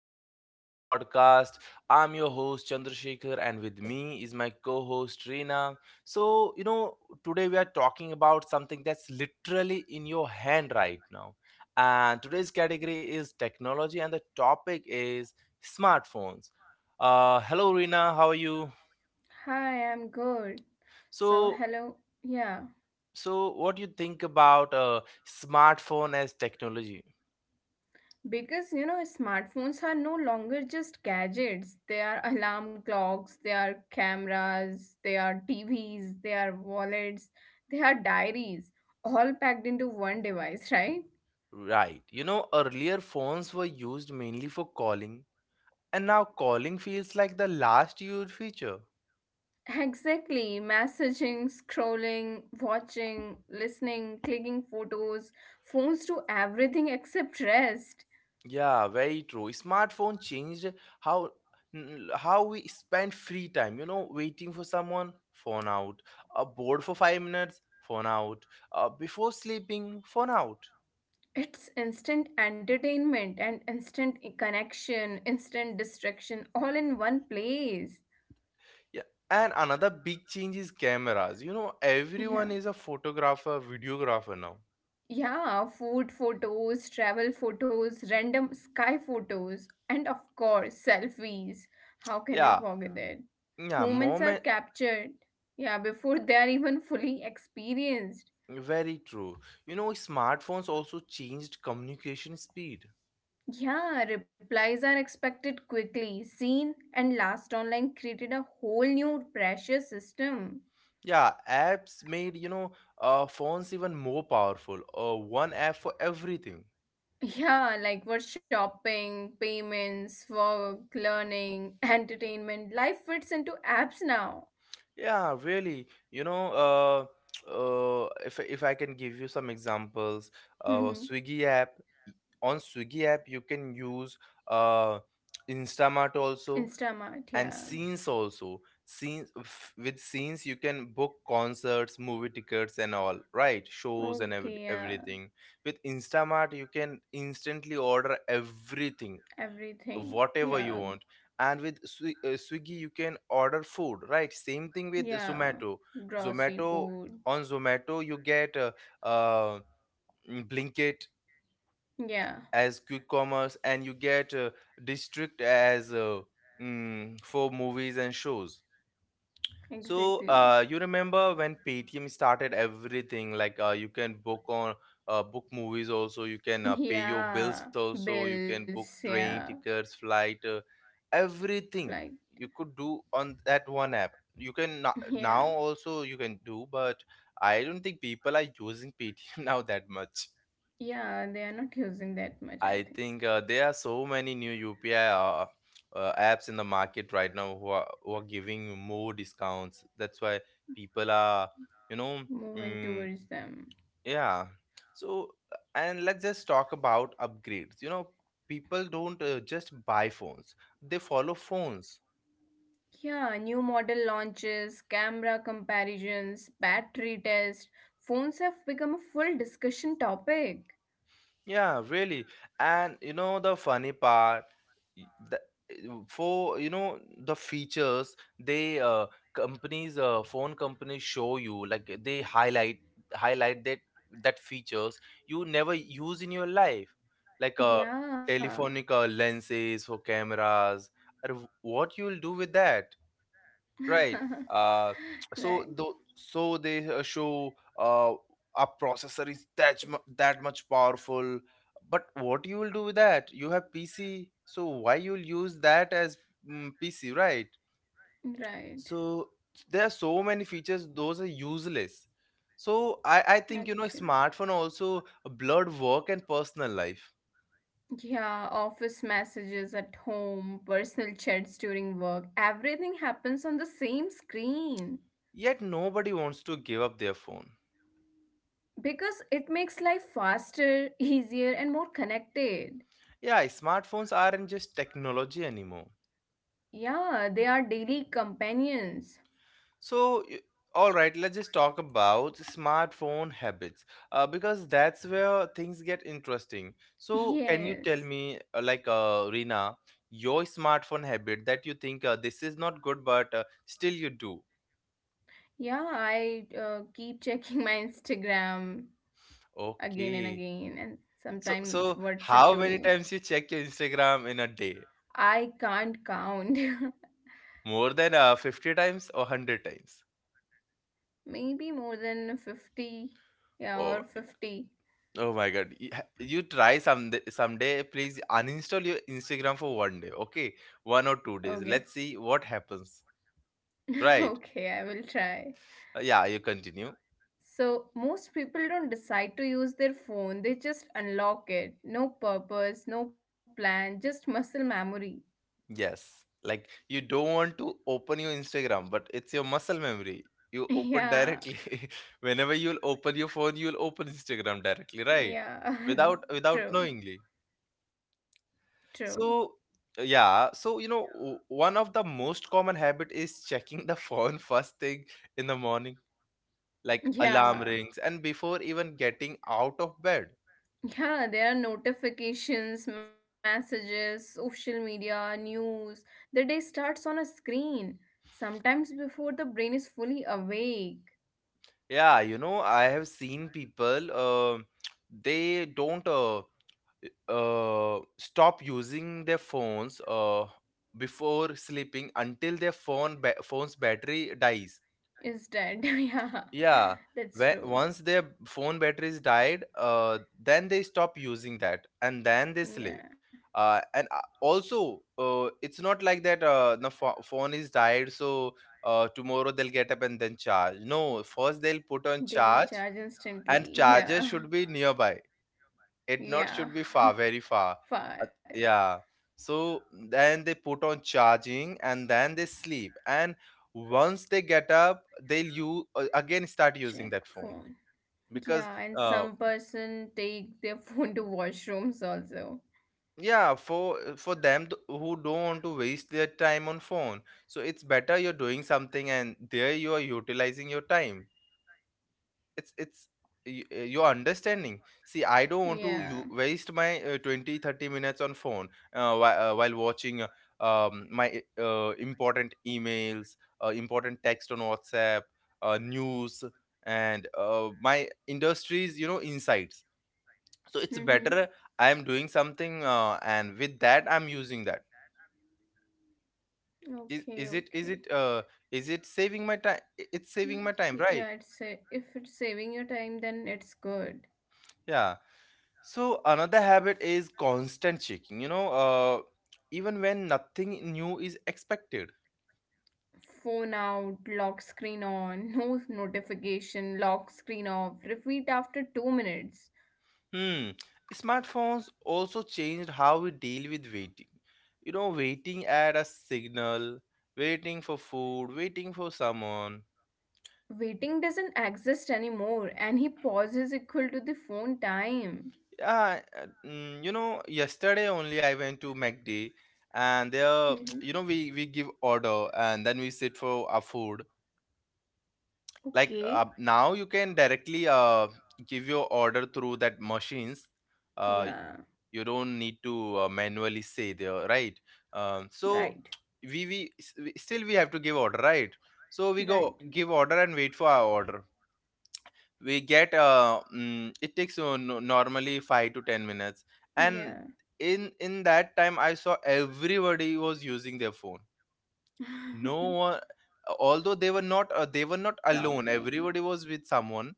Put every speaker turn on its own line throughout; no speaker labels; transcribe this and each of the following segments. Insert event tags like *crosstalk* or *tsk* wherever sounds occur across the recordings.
back to new podcast. I'm your host Chandrasekhar and with me is my co-host Reena. So, you know, today we are talking about something that's literally in your hand right now. And today's category is technology and the topic is smartphones. Hello Reena, how are you?
Hi, I'm good. So,
So,
hello. Yeah,
so what do you think about smartphone as technology?
because you know, smartphones are no longer just gadgets. They are alarm clocks, they are cameras, they are TVs, they are wallets, they are diaries, all packed into one device, *laughs* right?
Right. You know, earlier phones were used mainly for calling, and now calling feels like the last used feature.
Exactly. Messaging, scrolling, watching, listening, clicking photos, phones do everything except rest.
Yeah, very true. Smartphone changed how how we spend free time. You know, waiting for someone, phone out. Bored for 5 minutes, phone out. Before sleeping, phone out.
It's instant entertainment and instant connection, instant distraction, all in one place.
Yeah. And another big change is cameras. You know,
Yeah.
everyone is a photographer, videographer now.
Yeah, food photos, travel photos, random sky photos, and of course, selfies. How can we
Yeah,
forget it?
yeah.
Moments are
Moment.
captured, yeah, before they are even fully experienced.
Very true. You know, smartphones also changed communication speed.
Yeah, replies are expected quickly. Seen and last online created a whole new pressure system.
Yeah, apps made, you know, phones even more powerful. One app for everything.
Yeah, like for shopping, payments, work, learning, *laughs* entertainment. Life fits into apps now.
Yeah, really. You know, if I can give you some examples,
Mhm.
Swiggy app. On Swiggy app, you can use uh, Instamart also.
Instamart,
And
yeah.
scenes also, with scenes you can book concerts, movie tickets and all right, shows and every,
Okay, yeah.
everything. With Instamart you can instantly order everything,
Everything. Yeah,
whatever you want, and with Swiggy you can order food, right? Same thing with
yeah.
Zomato.
Grocery,
Zomato,
food.
on Zomato you get uh Blinkit
Yeah,
as quick commerce, and you get district as for movies and shows. So,
exactly.
you remember when Paytm started everything? Like, you can book on, book movies also. You can, pay your bills
Yeah.
also. You can book
Bills,
train
yeah.
tickets, flight, everything
Like,
you could do on that one app. You can
*laughs* yeah.
now also you can do, but I don't think people are using Paytm *laughs* now that much.
Yeah, they are not using that much, I
I
think so.
think there are so many new UPI apps in the market right now who are giving more discounts. That's why people are, you know,
Moving
mm,
towards them.
yeah. So, and let's just talk about upgrades. You know, people don't, just buy phones, they follow phones.
Yeah, new model launches, camera comparisons, battery tests. Phones have become a full discussion topic.
Yeah, really. And you know the funny part, y- the eh, for you know the features they companies phone companies show you like eh, they highlight that features you never use in your life, like
Yeah.
telephonic lenses for cameras, or what you'll do with that. Right.
*laughs*
Uh,
Right.
so they, show, a processor is that that much powerful, but what you will do with that? You have PC, so why you'll use that as mm, PC, right?
Right.
So there are so many features; those are useless. So I think, you know,
Actually,
smartphone
yes.
also blurred work and personal life.
Yeah, office messages at home, personal chats during work. Everything happens on the same screen
Yet nobody wants to give up their phone.
because it makes life faster, *laughs* easier and more connected.
Yeah, smartphones aren't just technology anymore.
Yeah, they are daily companions.
So, all right, let's just talk about smartphone habits, because that's where things get interesting. So,
*laughs*
can you tell me,
Yes.
Rina, your smartphone habit that you think, this is not good, but still you do?
Yeah, I keep checking *laughs* my Instagram again and
Okay.
again, and
So, so
sometimes
how
WhatsApp
many
too.
times you check your Instagram in a day?
I can't count.
More than 50 times or 100 times?
*laughs* Maybe more than 50. Yeah,
Oh,
or 50.
Oh my God. You try someday, someday, please uninstall your Instagram for one day, okay? One or two days.
Okay. *laughs*
Let's see what happens. Right.
Okay, I will try.
Yeah, you continue.
So, most people don't decide to use their phone, they just unlock it. No purpose, no plan, just muscle memory.
Yes. Like you don't want to open your Instagram, but it's your muscle memory.
*laughs*
You open
Yeah,
directly. *laughs* Whenever you'll open your phone, you'll open Instagram directly, right?
yeah,
Without
*laughs*
without
true,
knowingly.
true.
So yeah, so you know, one of the most common habit is checking the *laughs* phone first thing in the morning, like alarm
Yeah.
rings and before even getting out of bed.
Yeah, there are notifications, messages, social media, news. The day starts on a screen, sometimes before the brain is fully awake.
Yeah, you know, I have seen people, *tsk* they don't, uh, stop using their phones before sleeping until their phone's battery dies.
Is dead. *laughs* Yeah,
Yeah,
that's
when,
true.
once their phone batteries died, then they stop using that and then they sleep.
Yeah,
And also, it's not like that, the phone is died, so tomorrow they'll get up and then charge. No, first they'll put on
they will
charge,
charge
and
instantly.
charger
Yeah,
should be nearby, it not
yeah.
should be far, very far.
*laughs* Far.
Uh, yeah, so then they put on charging and then they sleep, and once they get up they'll you again start using
Check
that phone
phone.
because,
Yeah, and
uh,
some person take their *laughs* phone to washrooms also.
yeah, for them who don't want to waste their time on phone, so it's better you're doing something and there you are utilizing your time. It's your understanding, see, I don't want to you
Yeah.
waste my, 20 30 minutes on phone, while watching, my, important emails, important text on WhatsApp, news, and my industries, you know, insights. So it's better
*laughs*
I am doing something, and with that I'm using that.
Okay,
Is
okay.
it is it saving my time? It's saving my time, right?
Yeah, it's a, if it's saving your time, then it's good.
Yeah. So another habit is constant checking. You know, even when nothing new is expected.
Phone out, lock screen on, *laughs* no notification, lock screen off, repeat after 2 minutes.
Hmm. Smartphones also changed how we deal with waiting. You know, waiting at a signal, waiting for food, waiting for someone.
Waiting doesn't exist anymore, and he pauses equal to the phone time.
Yeah, you know, yesterday only I went to McD, and there,
Hmm.
*tsk* you know, we give order and then we sit for our food. Like,
Okay,
now you can directly, give your order through that machines, uh,
yeah,
you don't need to, manually say there, right? Um,
right,
so still we have to give order, right? So we go
right,
give order and wait for our order. We get, it takes, no, normally 5 to 10 minutes, and
yeah.
in that time I saw everybody was using their phone. No
*laughs*
one, although they were not, they were not alone,
Talking,
everybody was with someone,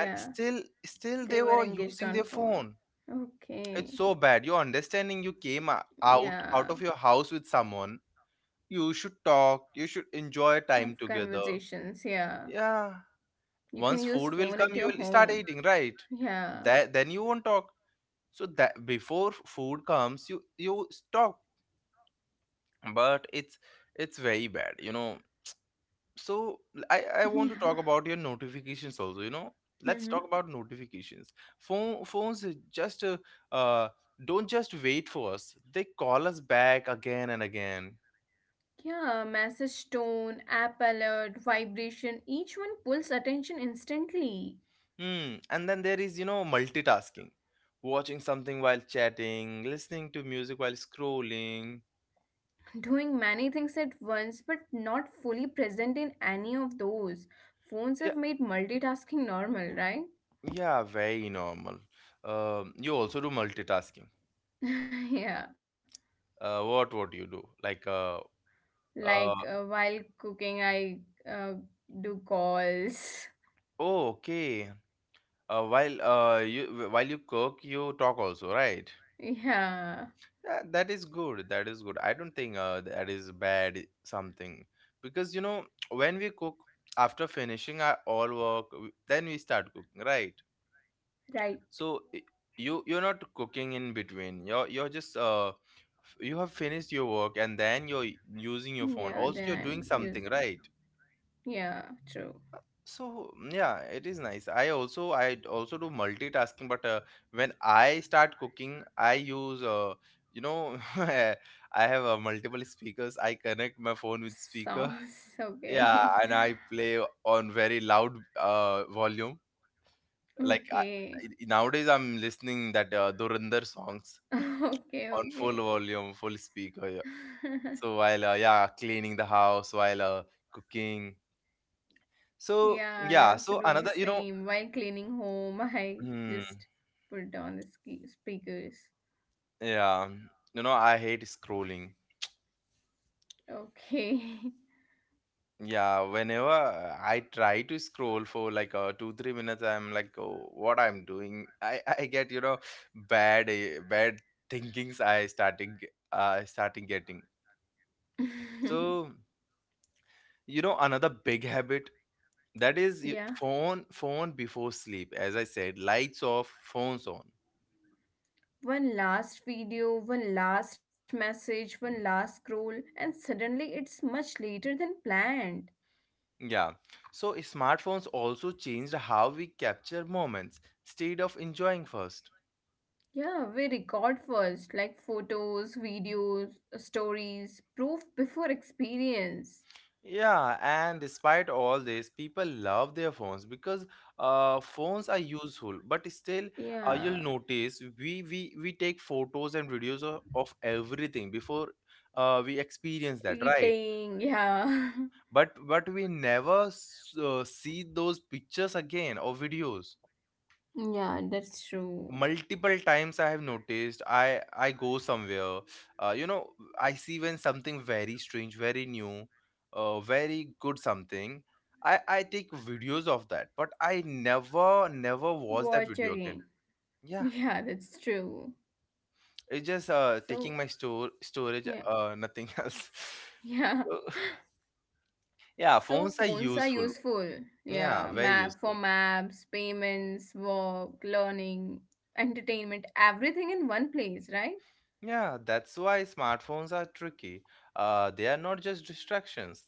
and still they
they were
were
engaged
using
on
their
phone.
phone. It's
Okay.
so bad, you're understanding, you came
Yeah,
out of your house with someone, you should talk, you should enjoy
have
time together.
conversations. Yeah,
Yeah,
you can
once
use
food will
phone
come
at
you
your
will start
home.
eating, right?
Yeah,
That then you won't talk, so that before food comes you stop, but it's very bad, you know. So I
*laughs*
want
yeah,
to talk about your notifications also, you know. Let's
mm-hmm.
talk about notifications. Phones just uh, don't just wait for us, they call us back again and again.
Yeah. Message tone, app alert, vibration. Each one pulls attention instantly.
Hmm. And then there is, you know, multitasking, watching something while chatting, listening to music while scrolling.
*laughs* Doing many things at once, but not fully present in any of those.
Yeah,
Phones have made multitasking normal, right?
yeah, very normal. Um, you also do multitasking,
*laughs* Yeah,
what would you do like uh,
like while cooking, I uh, do calls. *laughs*
oh okay. While you while you cook, you talk also, right?
Yeah,
Yeah, that is good. That is good. I don't think, that is bad something, because you know, *tsk* when we cook after finishing our all work, then we start cooking, right?
right.
So you you're not cooking in between. You're just you have finished your work and then you're using your phone.
Yeah,
Also, you're doing
then I'm
something,
using.
right?
Yeah, true.
So mm, yeah, it is nice. I also do multitasking, but when I start cooking, I use, you know, *laughs* I have, multiple speakers. I connect my phone with speaker. *laughs*
Songs, *laughs*
Yeah,
okay.
and I
*laughs*
play on very loud volume. Like
Okay.
nowadays, I'm listening that, Dhurandhar songs
*laughs*
on
Okay,
full
okay.
volume, full speaker. Yeah.
*laughs*
So while, yeah, cleaning the house, while, cooking. So
Yeah, I
yeah,
also
so
do the
another you know.
same while cleaning home. *laughs* I
Hmm,
just put on the speakers.
yeah, you know, I hate scrolling.
Okay.
Yeah, whenever I try to scroll for like 2 3 minutes, I'm like, oh, what I'm doing? I get, you know, bad thinkings. I starting Starting getting. So
*laughs*
you know another big habit, that is
Yeah.
phone before sleep. As I said, lights off, phones on.
One last video, one last message, one last scroll, and suddenly it's much later than planned.
Yeah, so smartphones also changed how we capture moments instead of enjoying first.
Yeah, we record first, like photos, videos, stories, proof before experience.
Yeah, and despite all this, people love their phones because, phones are useful. But still, you'll
Yeah,
notice we take photos and videos of everything before, we experience that, right?
eating, yeah. *laughs*
But we never see those pictures again or videos.
Yeah, that's true.
Multiple times I have noticed I go somewhere, uh, you know I see when something very strange, very new, very good something. I take videos of that, but I never watch that
Watch
video again.
again. *laughs*
Yeah,
Yeah, that's true.
it's just taking
So,
my store
yeah,
storage, nothing *laughs* else.
*laughs* yeah.
So, *laughs* yeah,
So,
phones are
phones are
useful.
useful.
Yeah,
Yeah,
very
map
useful.
for maps, payments, work, learning, entertainment, everything in one place, right?
Yeah, that's why smartphones are tricky. They are not just distractions,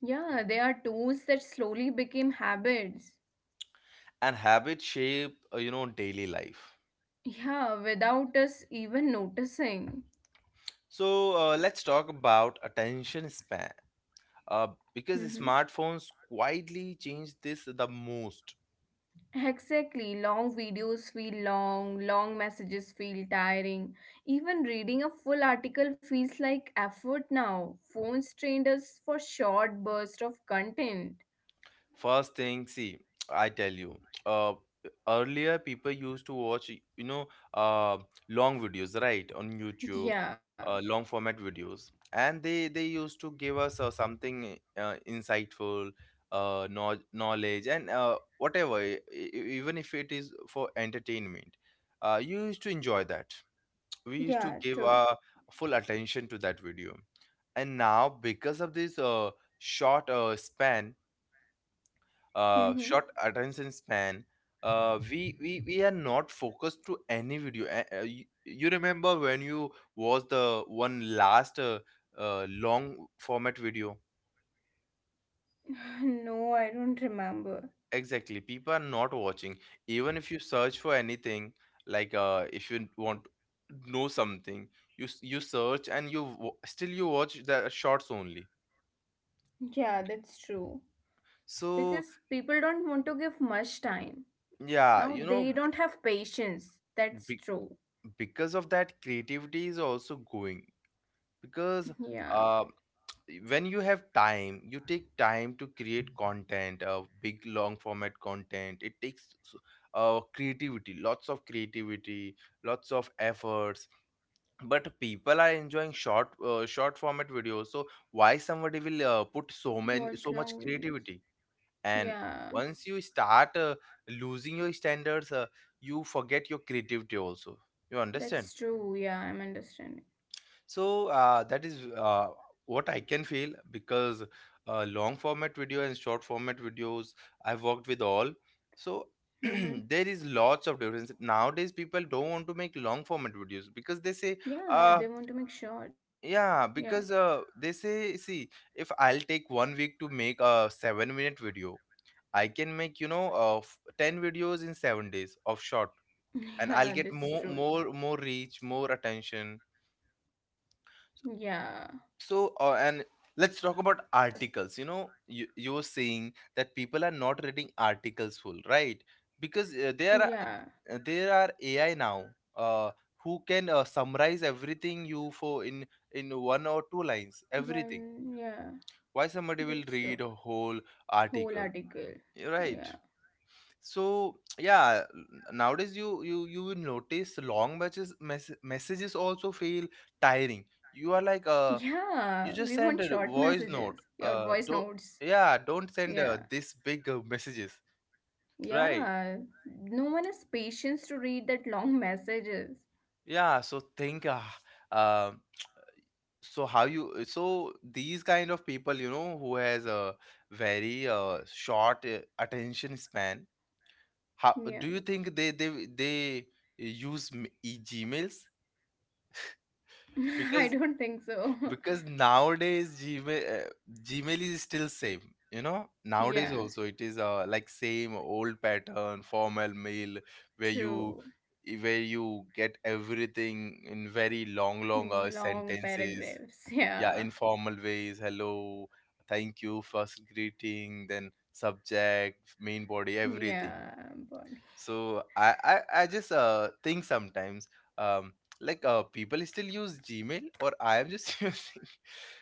Yeah, they are tools that slowly became habits.
and habits shape daily life.
Yeah, without us even noticing.
So let's talk about attention span, uh, because
Hmm.
smartphones quietly change this the most.
Exactly. Long videos feel long, long messages feel tiring. Even reading a full article feels like effort now. Phones trained us for short bursts of content.
First thing, see, I tell you, uh, earlier people used to watch, you know, uh, long videos, right, on YouTube,
Yeah,
long format videos, and they used to give us something insightful, knowledge, and whatever, even if it is for entertainment, you used to enjoy that. We used to
yeah,
give our
true.
full attention to that video, and now because of this short span
Hmm.
short attention span, we are not focused to any video. You, remember when you watched the one last long format video?
*sighs* No, I don't remember.
Exactly, people are not watching. Even if you search for anything, like if you want to know something, you search and still you watch the shorts only.
Yeah, that's true.
So
Because people don't want to give much time.
yeah,
Now
you know,
they don't have patience.
be,
That's
be,
true.
because of that creativity is also going, because
Yeah.
uh, when you have time, you take time to create content, big long format content. Creativity, lots of creativity, lots of efforts. But people are enjoying short, short format videos, so why somebody will put so
Watch
much
long videos.
creativity? And
Yeah,
once you start losing your standards, you forget your creativity also, you understand?
that's true. Yeah, I'm understanding.
So that is what I can feel, because long format video and short format videos, I've worked with all. So *clears throat*
Mm-hmm.
there is lots of difference. Nowadays, people don't want to make long format videos because they say,
Yeah,
uh,
they want to make short.
yeah,
Yeah,
because they say, see, if I'll take 1 week to make a 7 minute video, I can make, you know, 10 videos in 7 days of short,
*laughs*
and I'll
yeah,
get
that's true.
more reach, more attention.
Yeah,
So uh, and let's talk about articles. You know, you were saying that people are not reading articles full, right? Because
yeah,
there are AI now, uh, who can summarize everything you for in one or two lines, everything.
one, yeah,
Why somebody will
that's true.
read a whole
Whole
article?
article.
You're right.
Yeah,
So yeah, nowadays you will notice long messages also feel tiring. You are like,
*laughs* yeah,
you
we
just
want
send a
short
voice
messages,
note.
yeah, or voice notes.
Don't send
Yeah,
this big messages, right?
yeah, no one has patience to read that long messages.
Yeah. So think. Um. So how you? So these kind of people, you know, who has a very short attention span. How
Yeah,
do you think they use Gmails?
*laughs* I
Because
don't think so.
nowadays Gmail, Gmail is still same. You know, nowadays
*laughs* Yeah,
also it is like same old pattern formal mail, where you
true.
where you get everything in very long,
Long
sentences.
paragraphs. *laughs*
Yeah,
Yeah.
informal ways. Hello, thank you, first greeting, then subject, main body, everything.
Yeah,
So I just think sometimes, um like, people still use Gmail or I am just *laughs* using.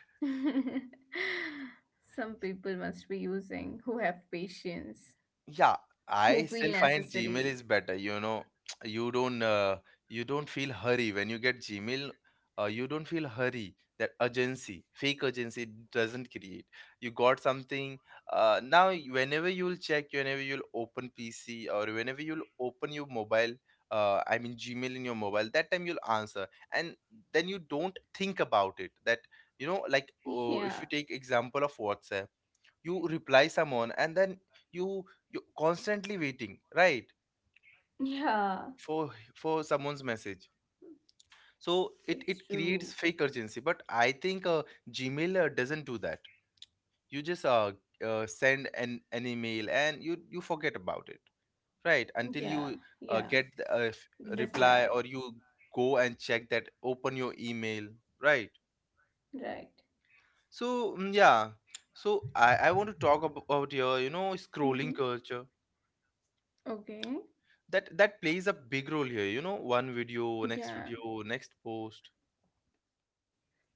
body. *laughs* Some people must be using who have patience,
Yeah, I
who
still
feel
find Gmail
necessary.
is better. You know, *tsk* you don't uh, you don't feel hurry when you get Gmail. You don't feel hurry. That urgency, fake urgency, it doesn't create. You got something. Now whenever you'll check, whenever you'll open PC, or whenever you'll open your mobile, I mean Gmail in your mobile, that time you'll answer, and then you don't think about it. That, you know, like, oh,
Yeah.
if you take example of WhatsApp, you reply someone, and then you you constantly waiting, right,
Yeah.
for someone's message. So it
That's
creates fake
true.
urgency, but I think Gmail doesn't do that. You just send an email and you forget about it, right, until you
Yeah.
get
Yeah.
a reply, or you
Reply.
go and check that, open your email, right?
Right.
So, yeah. So I want to about your, you know, scrolling
Mm-hmm.
culture,
Okay.
that that plays a big role here. You know, one video, next video,
Yeah.
next post.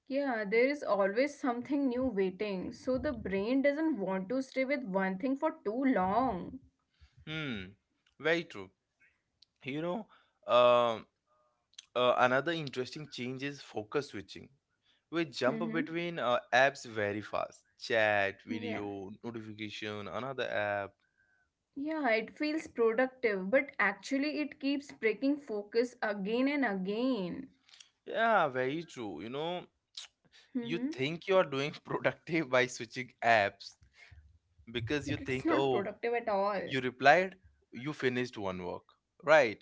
Yeah, there is always something new waiting. So the brain doesn't want to stay with one thing for too long.
Hmm, very true, you know. um Another interesting change is focus switching. We jump
Mm-hmm.
between apps very fast, chat,
Yeah.
video, notification, another app.
Yeah, it feels productive, but actually it keeps breaking focus again and again.
Yeah, very true, you know.
Mm-hmm.
You think you are doing *laughs* productive by switching apps, because you
But it's
think,
not
oh,
productive at all.
you replied, you finished one work, right?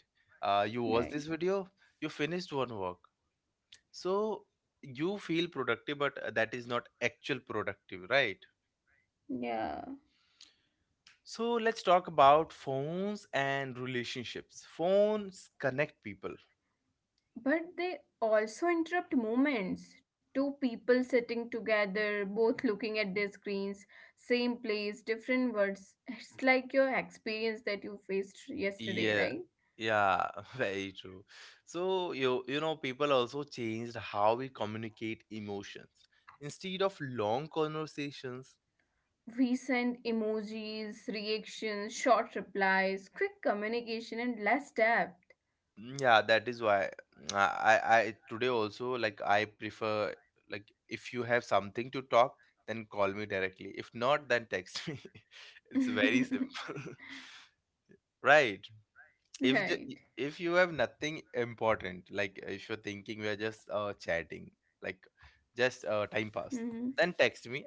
You watched this
Right.
video, you finished one work. So you feel productive, but that is not actual productive, right?
Yeah.
So let's talk about phones and relationships. Phones connect people.
But they also interrupt moments. Two people sitting together, both looking at their screens, same place, different words. It's like your experience that you faced yesterday,
Yeah,
right?
yeah, *laughs* very true. So you know, people also changed how we communicate emotions. Instead of long conversations.
We send emojis, reactions, short replies, quick communication, and less depth.
Yeah, that is why, today also, like, I prefer, like, if you have something to talk, then call me directly. If not, then text me. *laughs* It's very
*laughs*
simple, *laughs* right? If the,
Right.
if you have nothing important, like if you're thinking we are just chatting, like just time pass,
Mhm.
then text me.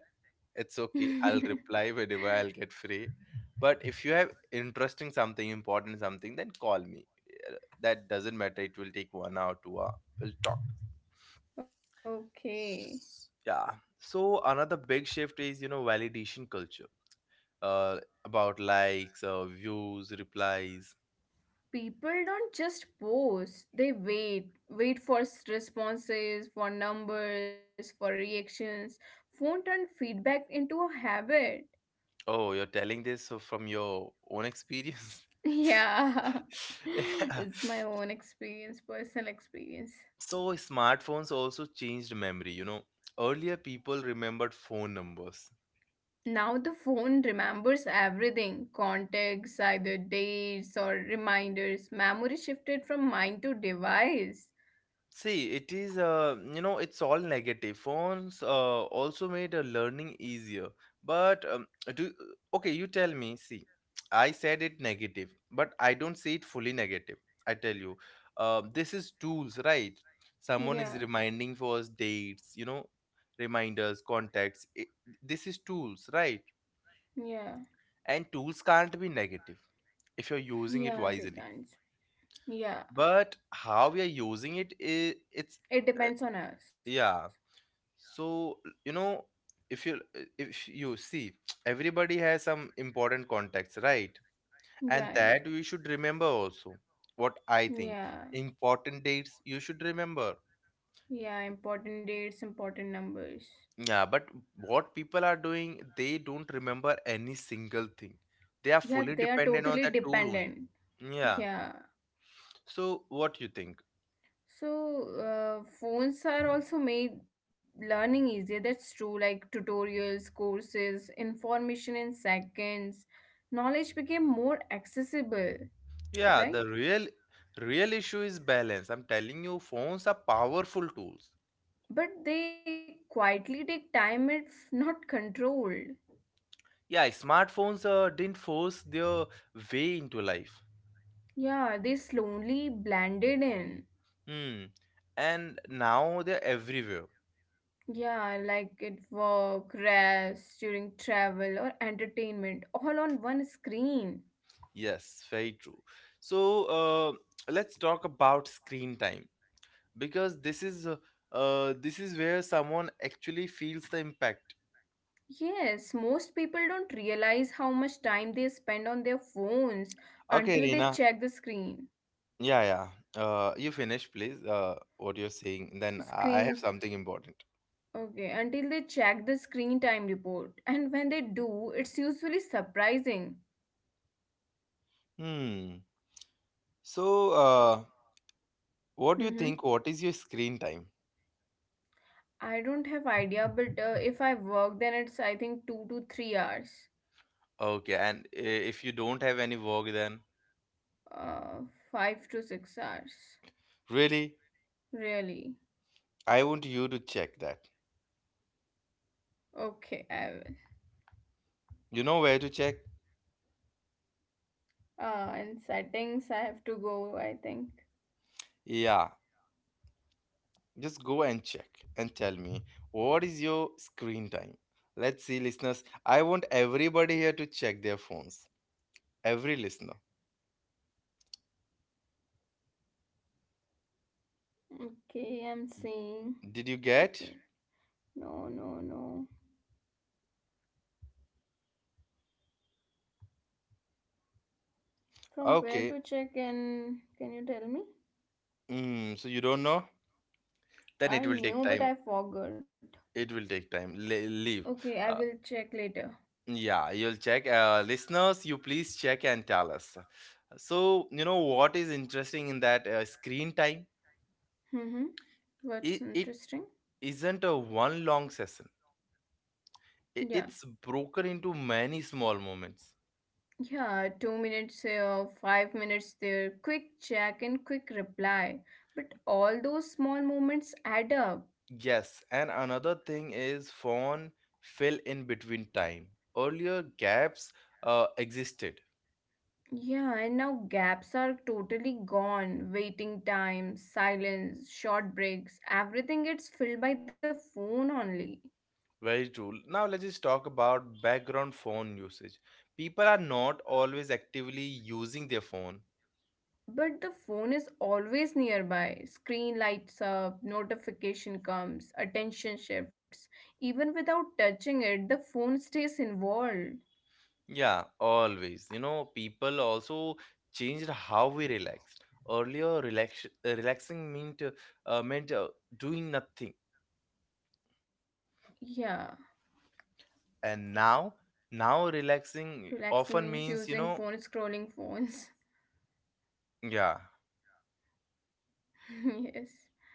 It's okay. I'll
*laughs*
reply whenever I'll get free. But if you have interesting something, important something, then call me. That doesn't matter. It will take 1 hour, 2 hour. We'll talk.
Okay.
Yeah. So another big shift is, you know, validation culture. Uh, about likes, views, replies.
People don't just post, they wait. Wait for responses, for numbers, for reactions. Phone turned feedback into a habit. *laughs*
Oh, you're telling this so from your own experience. *laughs*
Yeah. *laughs*
Yeah.
It's my own experience, personal experience.
So smartphones also changed memory. You know, earlier people remembered phone numbers.
Now the phone remembers everything contacts, either dates or reminders. Memory shifted from mind to device.
See, it is, you know, it's all negative. Phones also made learning easier. But do okay, you tell me. See, I said it negative, but I don't see it fully negative. I tell you, this is tools, right? Someone is
Yeah,
reminding for us dates, you know, reminders, contacts. This is tools, right?
yeah.
And tools can't be negative if you're using
Yeah,
it, Hmm,
they can't.
wisely.
Yeah,
But how we are using it is, it's,
it
uh,
depends on us.
yeah. So, you know, if you if you see, everybody has some important contacts, right? And
Right.
that we should remember also. What I think,
Yeah.
important dates you should remember.
Yeah, important dates, important numbers.
Yeah, but what people are doing, they don't remember any single thing. They are
Yeah,
fully
they are
dependent on
totally
that tool only.
dependent.
Yeah.
Yeah.
So what you think?
So, phones are also made learning easier. That's true. Like tutorials, courses, information in seconds. Knowledge became more accessible,
Yeah,
right?
the real issue is balance. I'm telling you, phones are powerful tools.
But they quietly take time if not controlled.
Yeah, smartphones didn't force their way into life.
Yeah, they slowly blended in.
Hmm. And now they're everywhere.
Yeah, like it work, rest, during travel or entertainment, all on one screen.
Yes, very true. So uh, let's talk about screen time, because this is where someone actually feels the impact.
Yes, most people don't realize how much time they spend on their phones
Okay,
until they
Reena.
check the screen.
Yeah, yeah, you finish please, what you're saying, then I have
Screen.
something important.
Okay, until they check the screen time report. And when they do, it's usually surprising.
Hmm. So uh, what do you
Mm-hmm.
think, what is your screen time?
I don't have idea, but if I work, then it's I think 2 to 3 hours,
Okay, and if you don't have any work, then
uh, 5 to 6 hours,
really,
really.
I want you to check that.
Okay, I will.
You know where to check?
In settings, I have to go, I think.
Yeah, just go and check and tell me what is your screen time. Let's see, listeners. I want everybody here to check their phones. Every listener.
Okay, I'm seeing.
Did you get?
Checking. No, no, no. From where
Okay.
to check in? Can you tell me?
So you don't know? Then
I
it will take
knew, but
time.
I forgot.
It will take time. Leave.
Okay, I will
Uh,
check later.
Yeah, you'll check. Listeners, you please check and tell us. So, you know what is interesting in that screen time?
Mm-hmm. What's
It
interesting?
isn't a one long session,
Yeah.
it's broken into many small moments.
Yeah, 2 minutes here, 5 minutes there, quick check and quick reply. But all those small moments add up.
Yes, and another thing is phone fill in between time. Earlier gaps existed.
Yeah, and now gaps are totally gone. Waiting time, silence, short breaks, everything gets filled by the phone only.
Very true. Now, let's just talk about background phone usage. People are not always actively using their phone.
But the phone is always nearby. Screen lights up, notification comes, attention shifts. Even without touching it, the phone stays involved.
Yeah, always. You know, people also changed how we relaxed. Earlier, relaxing meant doing nothing,
Yeah,
and now, relaxing
relaxing
often
means
means, you
using
know,
phone, scrolling phones.
yeah,
*laughs* Yes.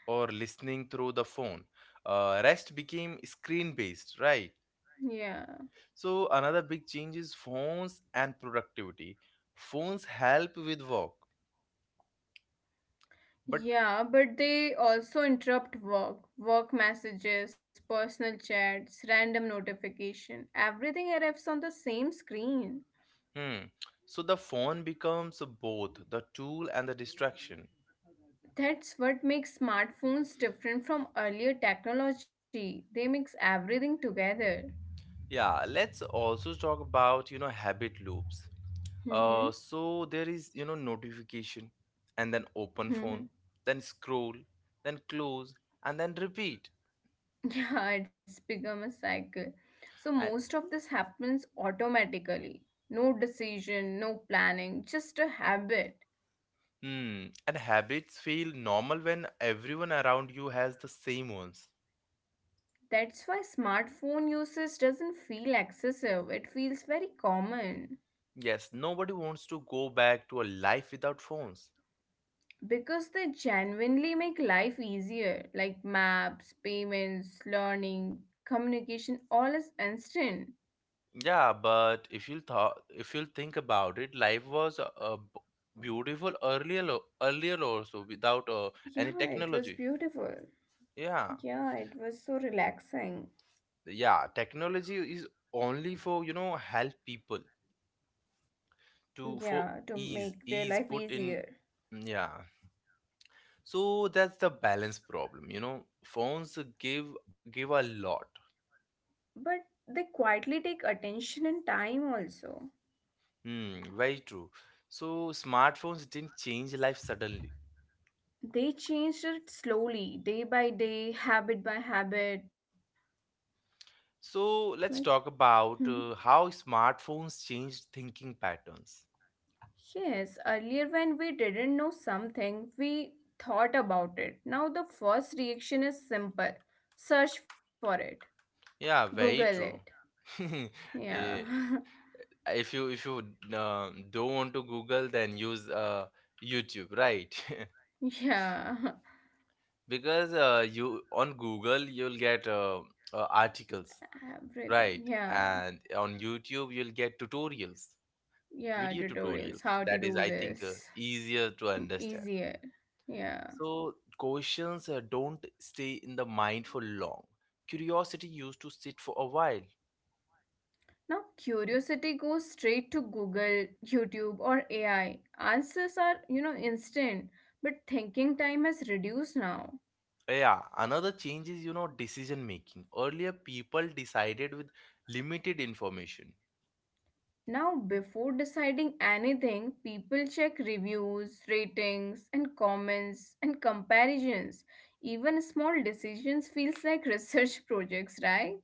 or listening through the phone. Rest became screen based, right?
Yeah.
So another big change is phones and productivity. Phones help with work, but
Yeah, but they also interrupt work, work messages, personal chats, random notification. Everything arrives on the same screen.
hmm, so the phone becomes both the tool and the distraction.
That's what makes smartphones different from earlier technology. They mix everything together.
Yeah, let's also talk about, you know, habit loops.
Mm-hmm.
So there is, you know, notification, and then open
Mm-hmm.
phone, then scroll, then close, and then repeat.
*laughs* Yeah, it's become a cycle. So
And
most of this happens automatically. No decision, no planning, just a habit.
hmm, and habits feel normal when everyone around you has the same ones.
That's why smartphone usage doesn't feel excessive. It feels very common
Yes, nobody wants to go back to a life without phones.
because they genuinely make life easier, like maps, payments, learning, communication, all is instant.
Yeah, but if you'll thought, if you'll think about it, life was beautiful earlier, earlier also without any
Yeah, it was
technology.
beautiful.
yeah
Yeah, it was so relaxing.
yeah, technology is only for help people to for
Yeah, to
ease
make their
ease
life
put in,
easier.
yeah. So that's the balance problem, phones give a lot.
But they quietly take attention and time also.
Hmm, very true. So smartphones didn't change life suddenly.
They changed it slowly, day by day, habit by habit,
So
right?
let's talk about
Hmm.
how smartphones changed thinking patterns.
Yes, earlier when we didn't know something, we thought about it. Now the first reaction is simple search for it,
Yeah,
Google
very
it.
true. *laughs*
Yeah,
Eh, if you don't want to Google, then use YouTube, right?
*laughs* yeah,
*laughs* Because you on Google, you'll get articles,
*laughs* everything.
right?
Yeah,
And on YouTube, you'll get tutorials,
yeah,
video
tutorials,
tutorials,
how to
that is,
do
I think,
this.
easier to
M-
understand.
easier. Yeah.
So questions don't stay in the mind for long. Curiosity used to sit for a while.
Now curiosity goes straight to Google, YouTube, or AI. Answers are, you know, instant, but thinking time has reduced now.
Yeah, another change is, decision making. Earlier people decided with limited information.
Now, before deciding anything, people check reviews, ratings, and comments and comparisons. Even small decisions feels like research *laughs* projects, right?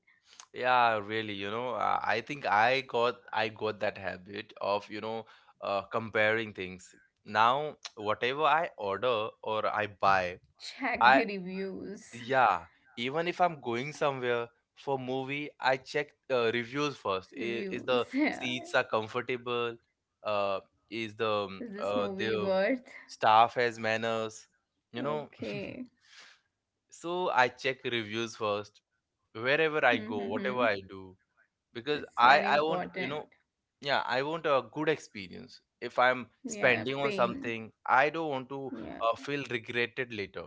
Yeah, really, I think I got that habit of, comparing things. Now, *tsk* whatever I order or I buy, I
Check the reviews.
yeah, even if I'm going somewhere for movie, I check reviews first.
*laughs*
Is
Reviews.
the
Yeah.
seats are comfortable? Uh, is the um,
Is
uh,
this
the
movie worth?
staff has manners? You know,
Okay.
*laughs* so I check reviews first, wherever I
Hmm, hmm,
go,
hmm.
whatever I do. Because
That's
i
very
i want,
important.
yeah, I want a good experience. If I'm
Yeah,
spending on
paying.
something, I don't want to
Yeah.
feel regretted later.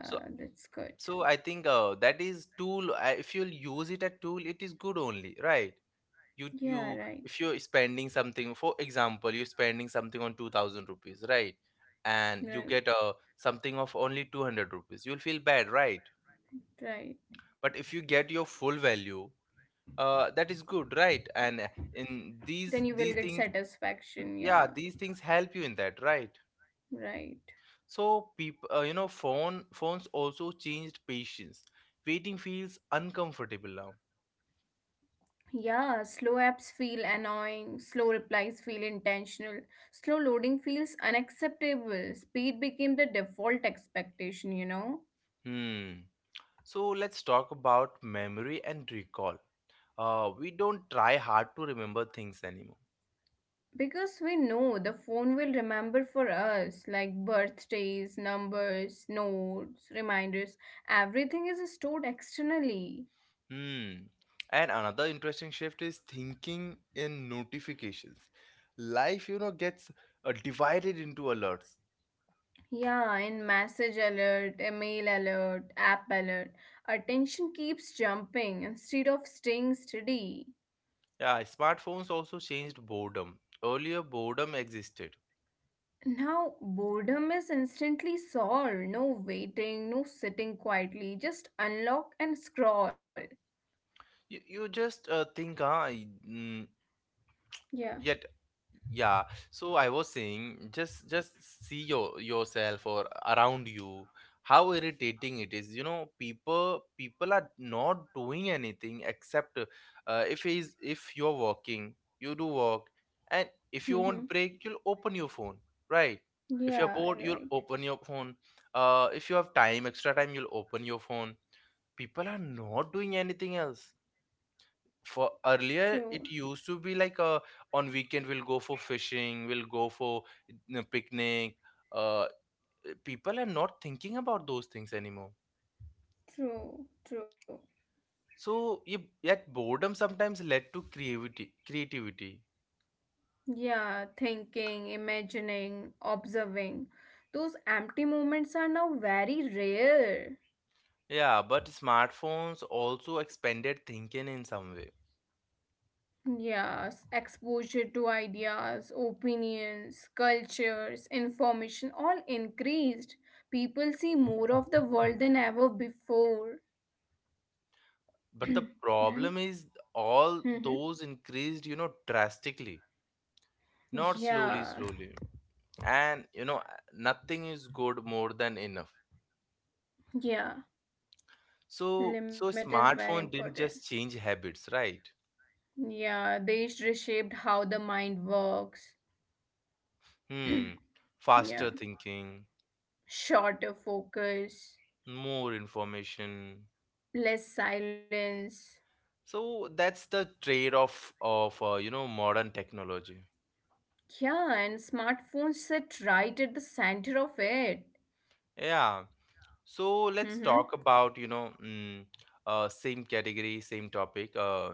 so
that's good.
so I think, that is tool, if you'll use it at tool, it is good only, right? you
Yeah,
you
right.
If you're spending something, for example, you're spending something on 2000 rupees, right? And you get
Right.
something of only 200 rupees, you'll feel bad, right?
Right.
But if you get your full value, that is good, right? And in these
Then you
these
will
things,
get satisfaction.
yeah,
Yeah.
these things help you in that, right?
Right.
So people, phones also changed patience. Waiting feels uncomfortable now.
Yeah. Slow apps feel annoying. Slow replies feel intentional. Slow loading feels unacceptable. Speed became the default expectation, you know?
Hmm. So let's talk about memory and recall. We don't try hard to remember things anymore.
Because we know the phone will remember for us, like birthdays, numbers, notes, reminders, everything is stored externally.
Hmm. And another interesting shift is thinking in notifications. Life gets divided into alerts.
Yeah, in message alert, email alert, app alert, attention keeps jumping instead of staying steady.
Yeah, smartphones also changed boredom. Earlier, boredom existed.
Now, boredom is instantly solved. No waiting, no sitting quietly, just unlock and scroll.
You just think, mm,
Yeah.
yet, yeah. So I was saying, just see yourself or around you. How irritating it is. People are not doing anything except, if you're working, you do work, and if you
Mm-hmm.
want break, you'll open your phone, right? If you're
Yeah,
bored, you'll
right.
open your phone. If you have time, extra time, you'll open your phone. People are not doing anything else. For earlier
True,
it used to be like, on weekend we'll go for fishing, we'll go for picnic, uh, people are not thinking about those things anymore.
true, true.
So yeah, yet boredom sometimes led to creativity.
Yeah, thinking, imagining, observing. Those empty moments are now very rare.
Yeah, but smartphones also expanded thinking in some way.
Yes, exposure to ideas, opinions, cultures, information all increased. People see more of the world than ever before,
But the
right?
problem is, all
Mm-hmm.
those increased, drastically, not slowly
Yeah,
slowly. And nothing is good more than enough.
yeah.
So,
Limit is very
smartphone didn't
important.
just change habits, right?
Yeah, they reshaped how the mind works.
Hmm.
Yeah,
Faster thinking,
shorter focus,
more information.
less silence.
So that's the trade-off of modern technology.
Yeah, and smartphones sit right at the center of it.
Yeah. So let's
Mm-hmm.
talk about, same category, same topic. Uh,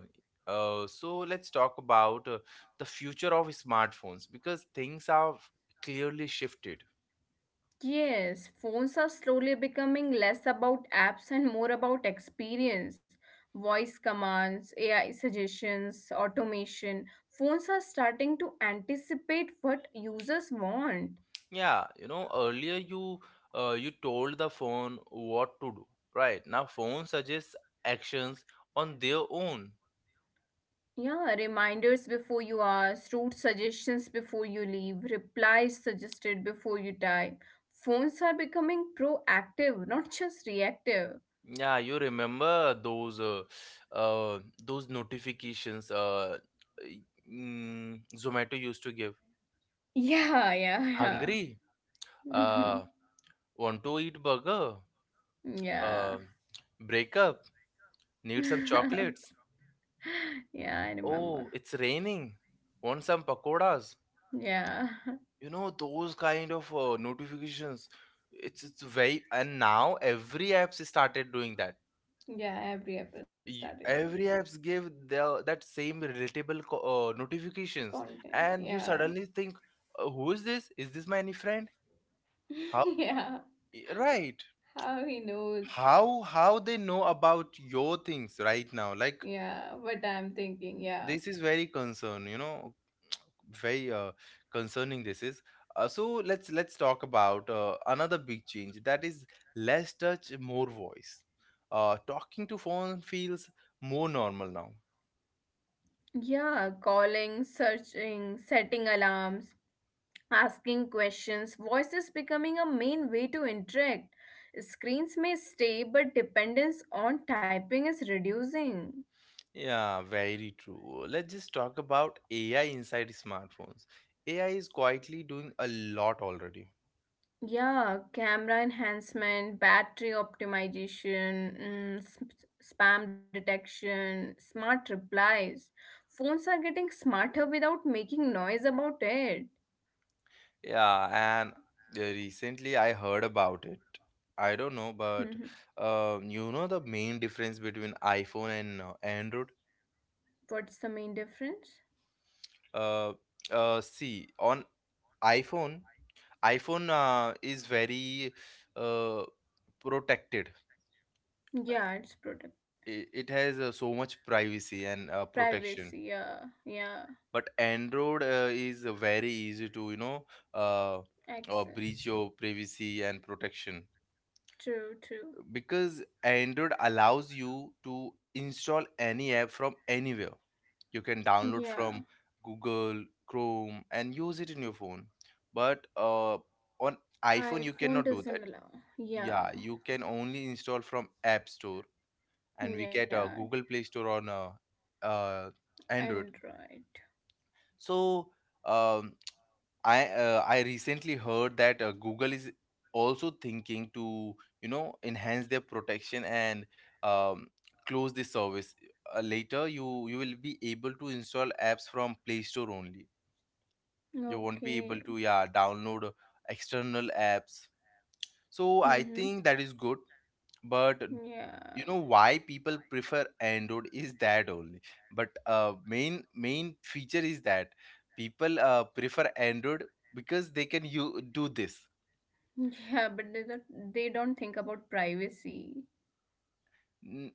uh, So let's talk about the future of smartphones, because things have clearly shifted.
Yes, phones are slowly becoming less about apps and more about experience. Voice commands, AI suggestions, automation. Phones are starting to anticipate what users want.
Yeah, earlier you told the phone what to do, right? Now phone suggests actions on their own.
Yeah, reminders before you ask, route suggestions before you leave, replies suggested before you type. Phones are becoming proactive, not just reactive.
Yeah, you remember uh those notifications y- Zomato used to give.
*laughs* Yeah, yeah,
Hungry?
yeah.
Uh, want to eat burger? Uh, Break up?
*laughs*
Need some
Yeah. *laughs*
chocolates?
Yeah, I
Oh,
remember.
it's raining. Want some pakoras?
Yeah. *laughs*
Those kind of notifications, it's very. And now every apps started doing that.
Yeah, every April started on
Every apps give the that same relatable notifications,
content.
and you
Yeah.
suddenly think, Who is this, is this my any friend, how?"
*laughs* Yeah.
Right,
How he knows.
how they know about your things right now, like,
Yeah, what I'm thinking. Yeah.
this is very concern, *tsk* very concerning this is. So let's talk about another big change, that is less touch, more voice. Talking to phone feels more normal now.
Yeah, calling, searching, setting alarms, asking questions. Voice is becoming a main way to interact. Screens may stay, but dependence on typing is reducing.
Yeah, very true. Let's just talk about AI inside smartphones. AI is quietly doing a lot already.
Yeah, camera enhancement, battery optimization, mm, spam detection, smart replies. Phones are getting smarter without making noise about it.
Yeah, and recently I heard about it. I don't know, but the main difference between iPhone and Android?
*laughs* What's the main difference?
Uh, See, on iPhone, iPhone, is very uh, protected.
Yeah, it's product
It has so much privacy and
privacy.
protection.
Yeah, yeah,
But Android is very easy to, uh, breach
access.
your privacy and protection.
True, true.
Because Android allows you to install any app from anywhere, you can download
Yeah,
from Google Chrome and use it in your phone. But on iPhone you
iPhone
cannot do that.
doesn't allow. Yeah,
Yeah, you can only install from App Store, and we get
yeah,
a Google Play Store on uh, Android.
Android.
So um, I recently heard that Google is also thinking to enhance their protection, and um, close this service. Later, you will be able to install apps from Play Store only. You won't be
Okay.
able to, yeah, download external apps. So I
Mm-hmm.
think that is good, but
Yeah.
you know why people prefer Android is that only. But main feature is that people prefer Android because they can, you do this.
*laughs* Yeah, but they don't think about privacy.
Mm,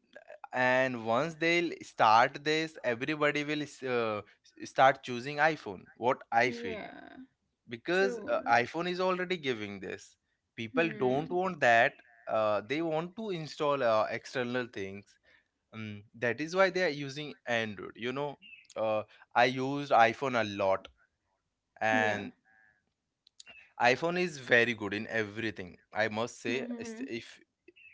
and once they'll start this, everybody will start choosing iPhone, what I feel.
Yeah.
Because
True.
iPhone is already giving this. People don't
Hmm.
want that, they want to install external things. That is why they are using Android uh, I used iPhone a lot,
Yeah.
and iPhone is very good in everything, I must say. It's-
Mm-hmm.
if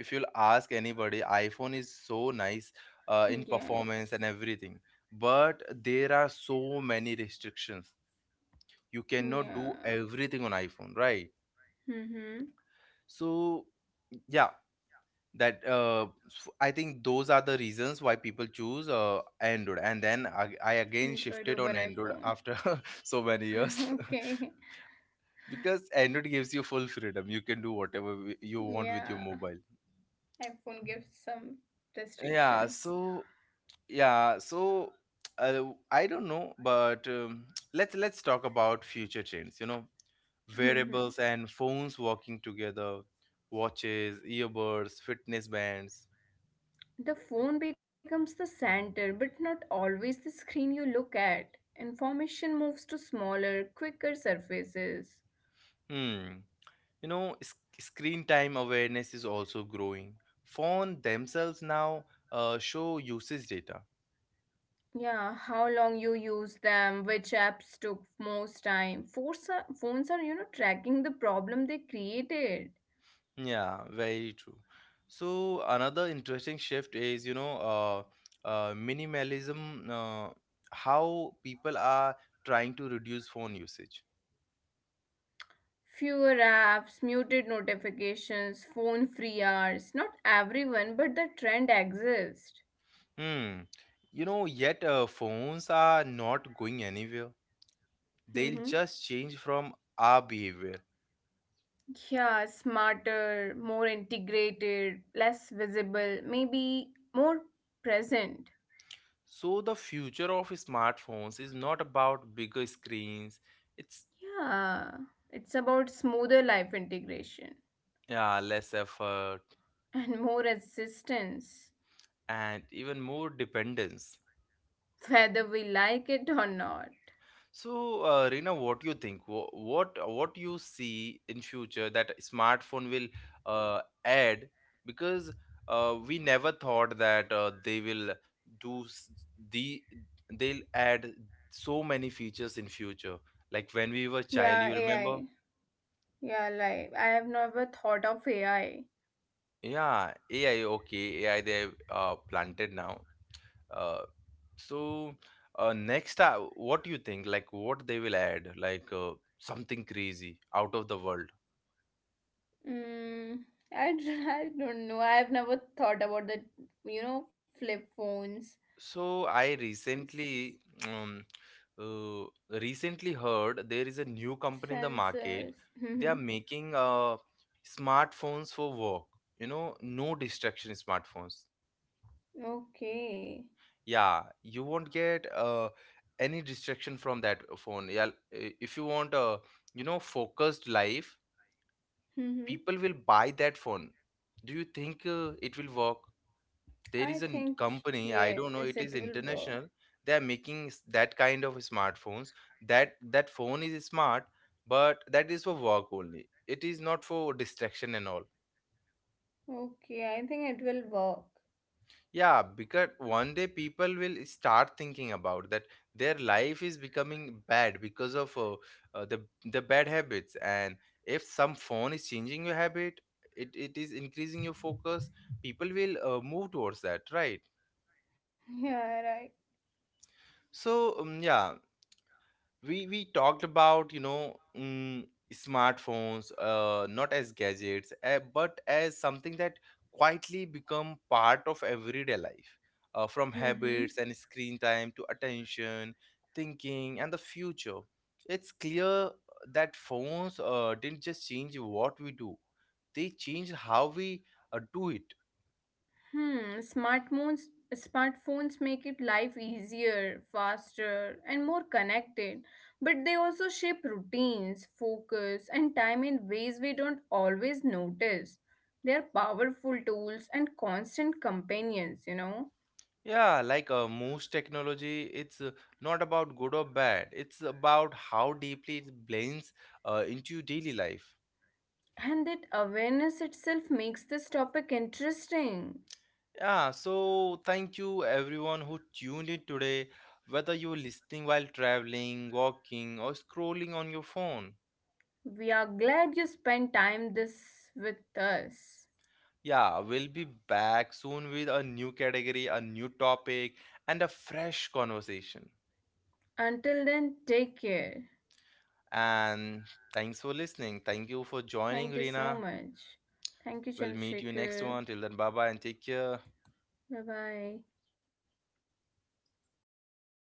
if you'll ask anybody, iPhone is so nice in performance
Yes.
and everything. But there are so many restrictions, you cannot do
Yeah.
everything on iPhone, right?
Mm-hmm.
So yeah, that I think those are the reasons why people choose Android, and then I again
Android
shifted on
over
Android
iPhone.
after *laughs* so many years.
*laughs* Okay.
*laughs* Because Android gives you full freedom, you can do whatever you want with your
Yeah.
mobile.
iPhone gives some
Yeah,
restrictions.
so yeah, so *tsk* uh, I don't know, but *tsk* let's talk about future trends, wearables
*laughs*
and phones working together. Watches, earbuds, fitness bands.
The phone becomes the center, but not always the screen you look at. Information moves to smaller, quicker surfaces.
Hmm. Screen time awareness is also growing. Phone themselves now show usage data.
Yeah, how long you use them, which apps took most time. Phones are, you know, tracking the problem they created.
Yeah, very true. So another interesting shift is, minimalism. How people are trying to reduce phone usage.
Fewer apps, muted notifications, phone free hours. Not everyone, but the trend exists.
Hmm. Yet phones are not going anywhere. They'll
Mm-hmm.
just change from our behavior.
Yeah, smarter, more integrated, less visible, maybe more present.
So the future of smartphones is not about bigger screens, it's,
Yeah, it's about smoother life integration
yeah, less effort
*laughs* and more assistance,
and even more dependence.
whether we like it or not.
So Reena, what do you think? What you see in future that smartphone will add? Because we never thought that they will do s- the they'll add so many features in future. Like when we were child,
Yeah,
you remember?
AI. Yeah, like I have never thought of AI.
Yeah, AI, okay, AI they have planted now. Uh, so next, what do you think? Like, what they will add? Like, something crazy out of the world.
Mm, *laughs* I don't know. I have never thought about the, you know, flip phones,
So
s-
um, uh, recently heard there is a new company in the market.
sensors.
They are
Mm-hmm.
making smartphones for work. No distraction smartphones.
Okay.
Yeah, you won't get any distraction from that phone, yeah. If you want a, focused life,
Mm-hmm.
people will buy that phone. Do you think it will work? There
I
is a
think
company, I
yes,
don't
it
know,
will
it is
work.
international. They are making that kind of smartphones. That phone is smart, but that is for work only, it is not for distraction and all.
Okay, I think it will work.
Yeah, because one day people will start thinking about that their life is becoming bad because of uh, the the bad habits. And if some phone is changing your habit, it is increasing your focus. People will move towards that, right?
*laughs* Yeah, right.
So yeah, we talked about, smartphones, not as gadgets, but as something that quietly become part of everyday life, from
Mm-hmm.
habits and screen time to attention, thinking, and the future. It's clear that phones didn't just change what we do, they changed how we do it.
Hmm. Smartphones make it life easier, faster, and more connected. But they also shape routines, focus, and time in ways we don't always notice. They are powerful tools and constant companions. You know.
Yeah, like most technology, it's not about good or bad. It's about how deeply it blends into your daily life.
And that awareness itself makes this topic interesting.
Yeah, so thank you everyone who tuned in today, whether you're listening while traveling, walking, or scrolling on your phone.
We are glad you spent time this with us.
Yeah, we'll be back soon with a new category, a new topic, and a fresh conversation.
Until then, take care.
And thanks for listening. Thank you for joining,
Thank you so
Reena.
much. Thank you,
We'll meet you next one.
Chandrasekhar.
Till then, bye bye and take care.
Bye bye.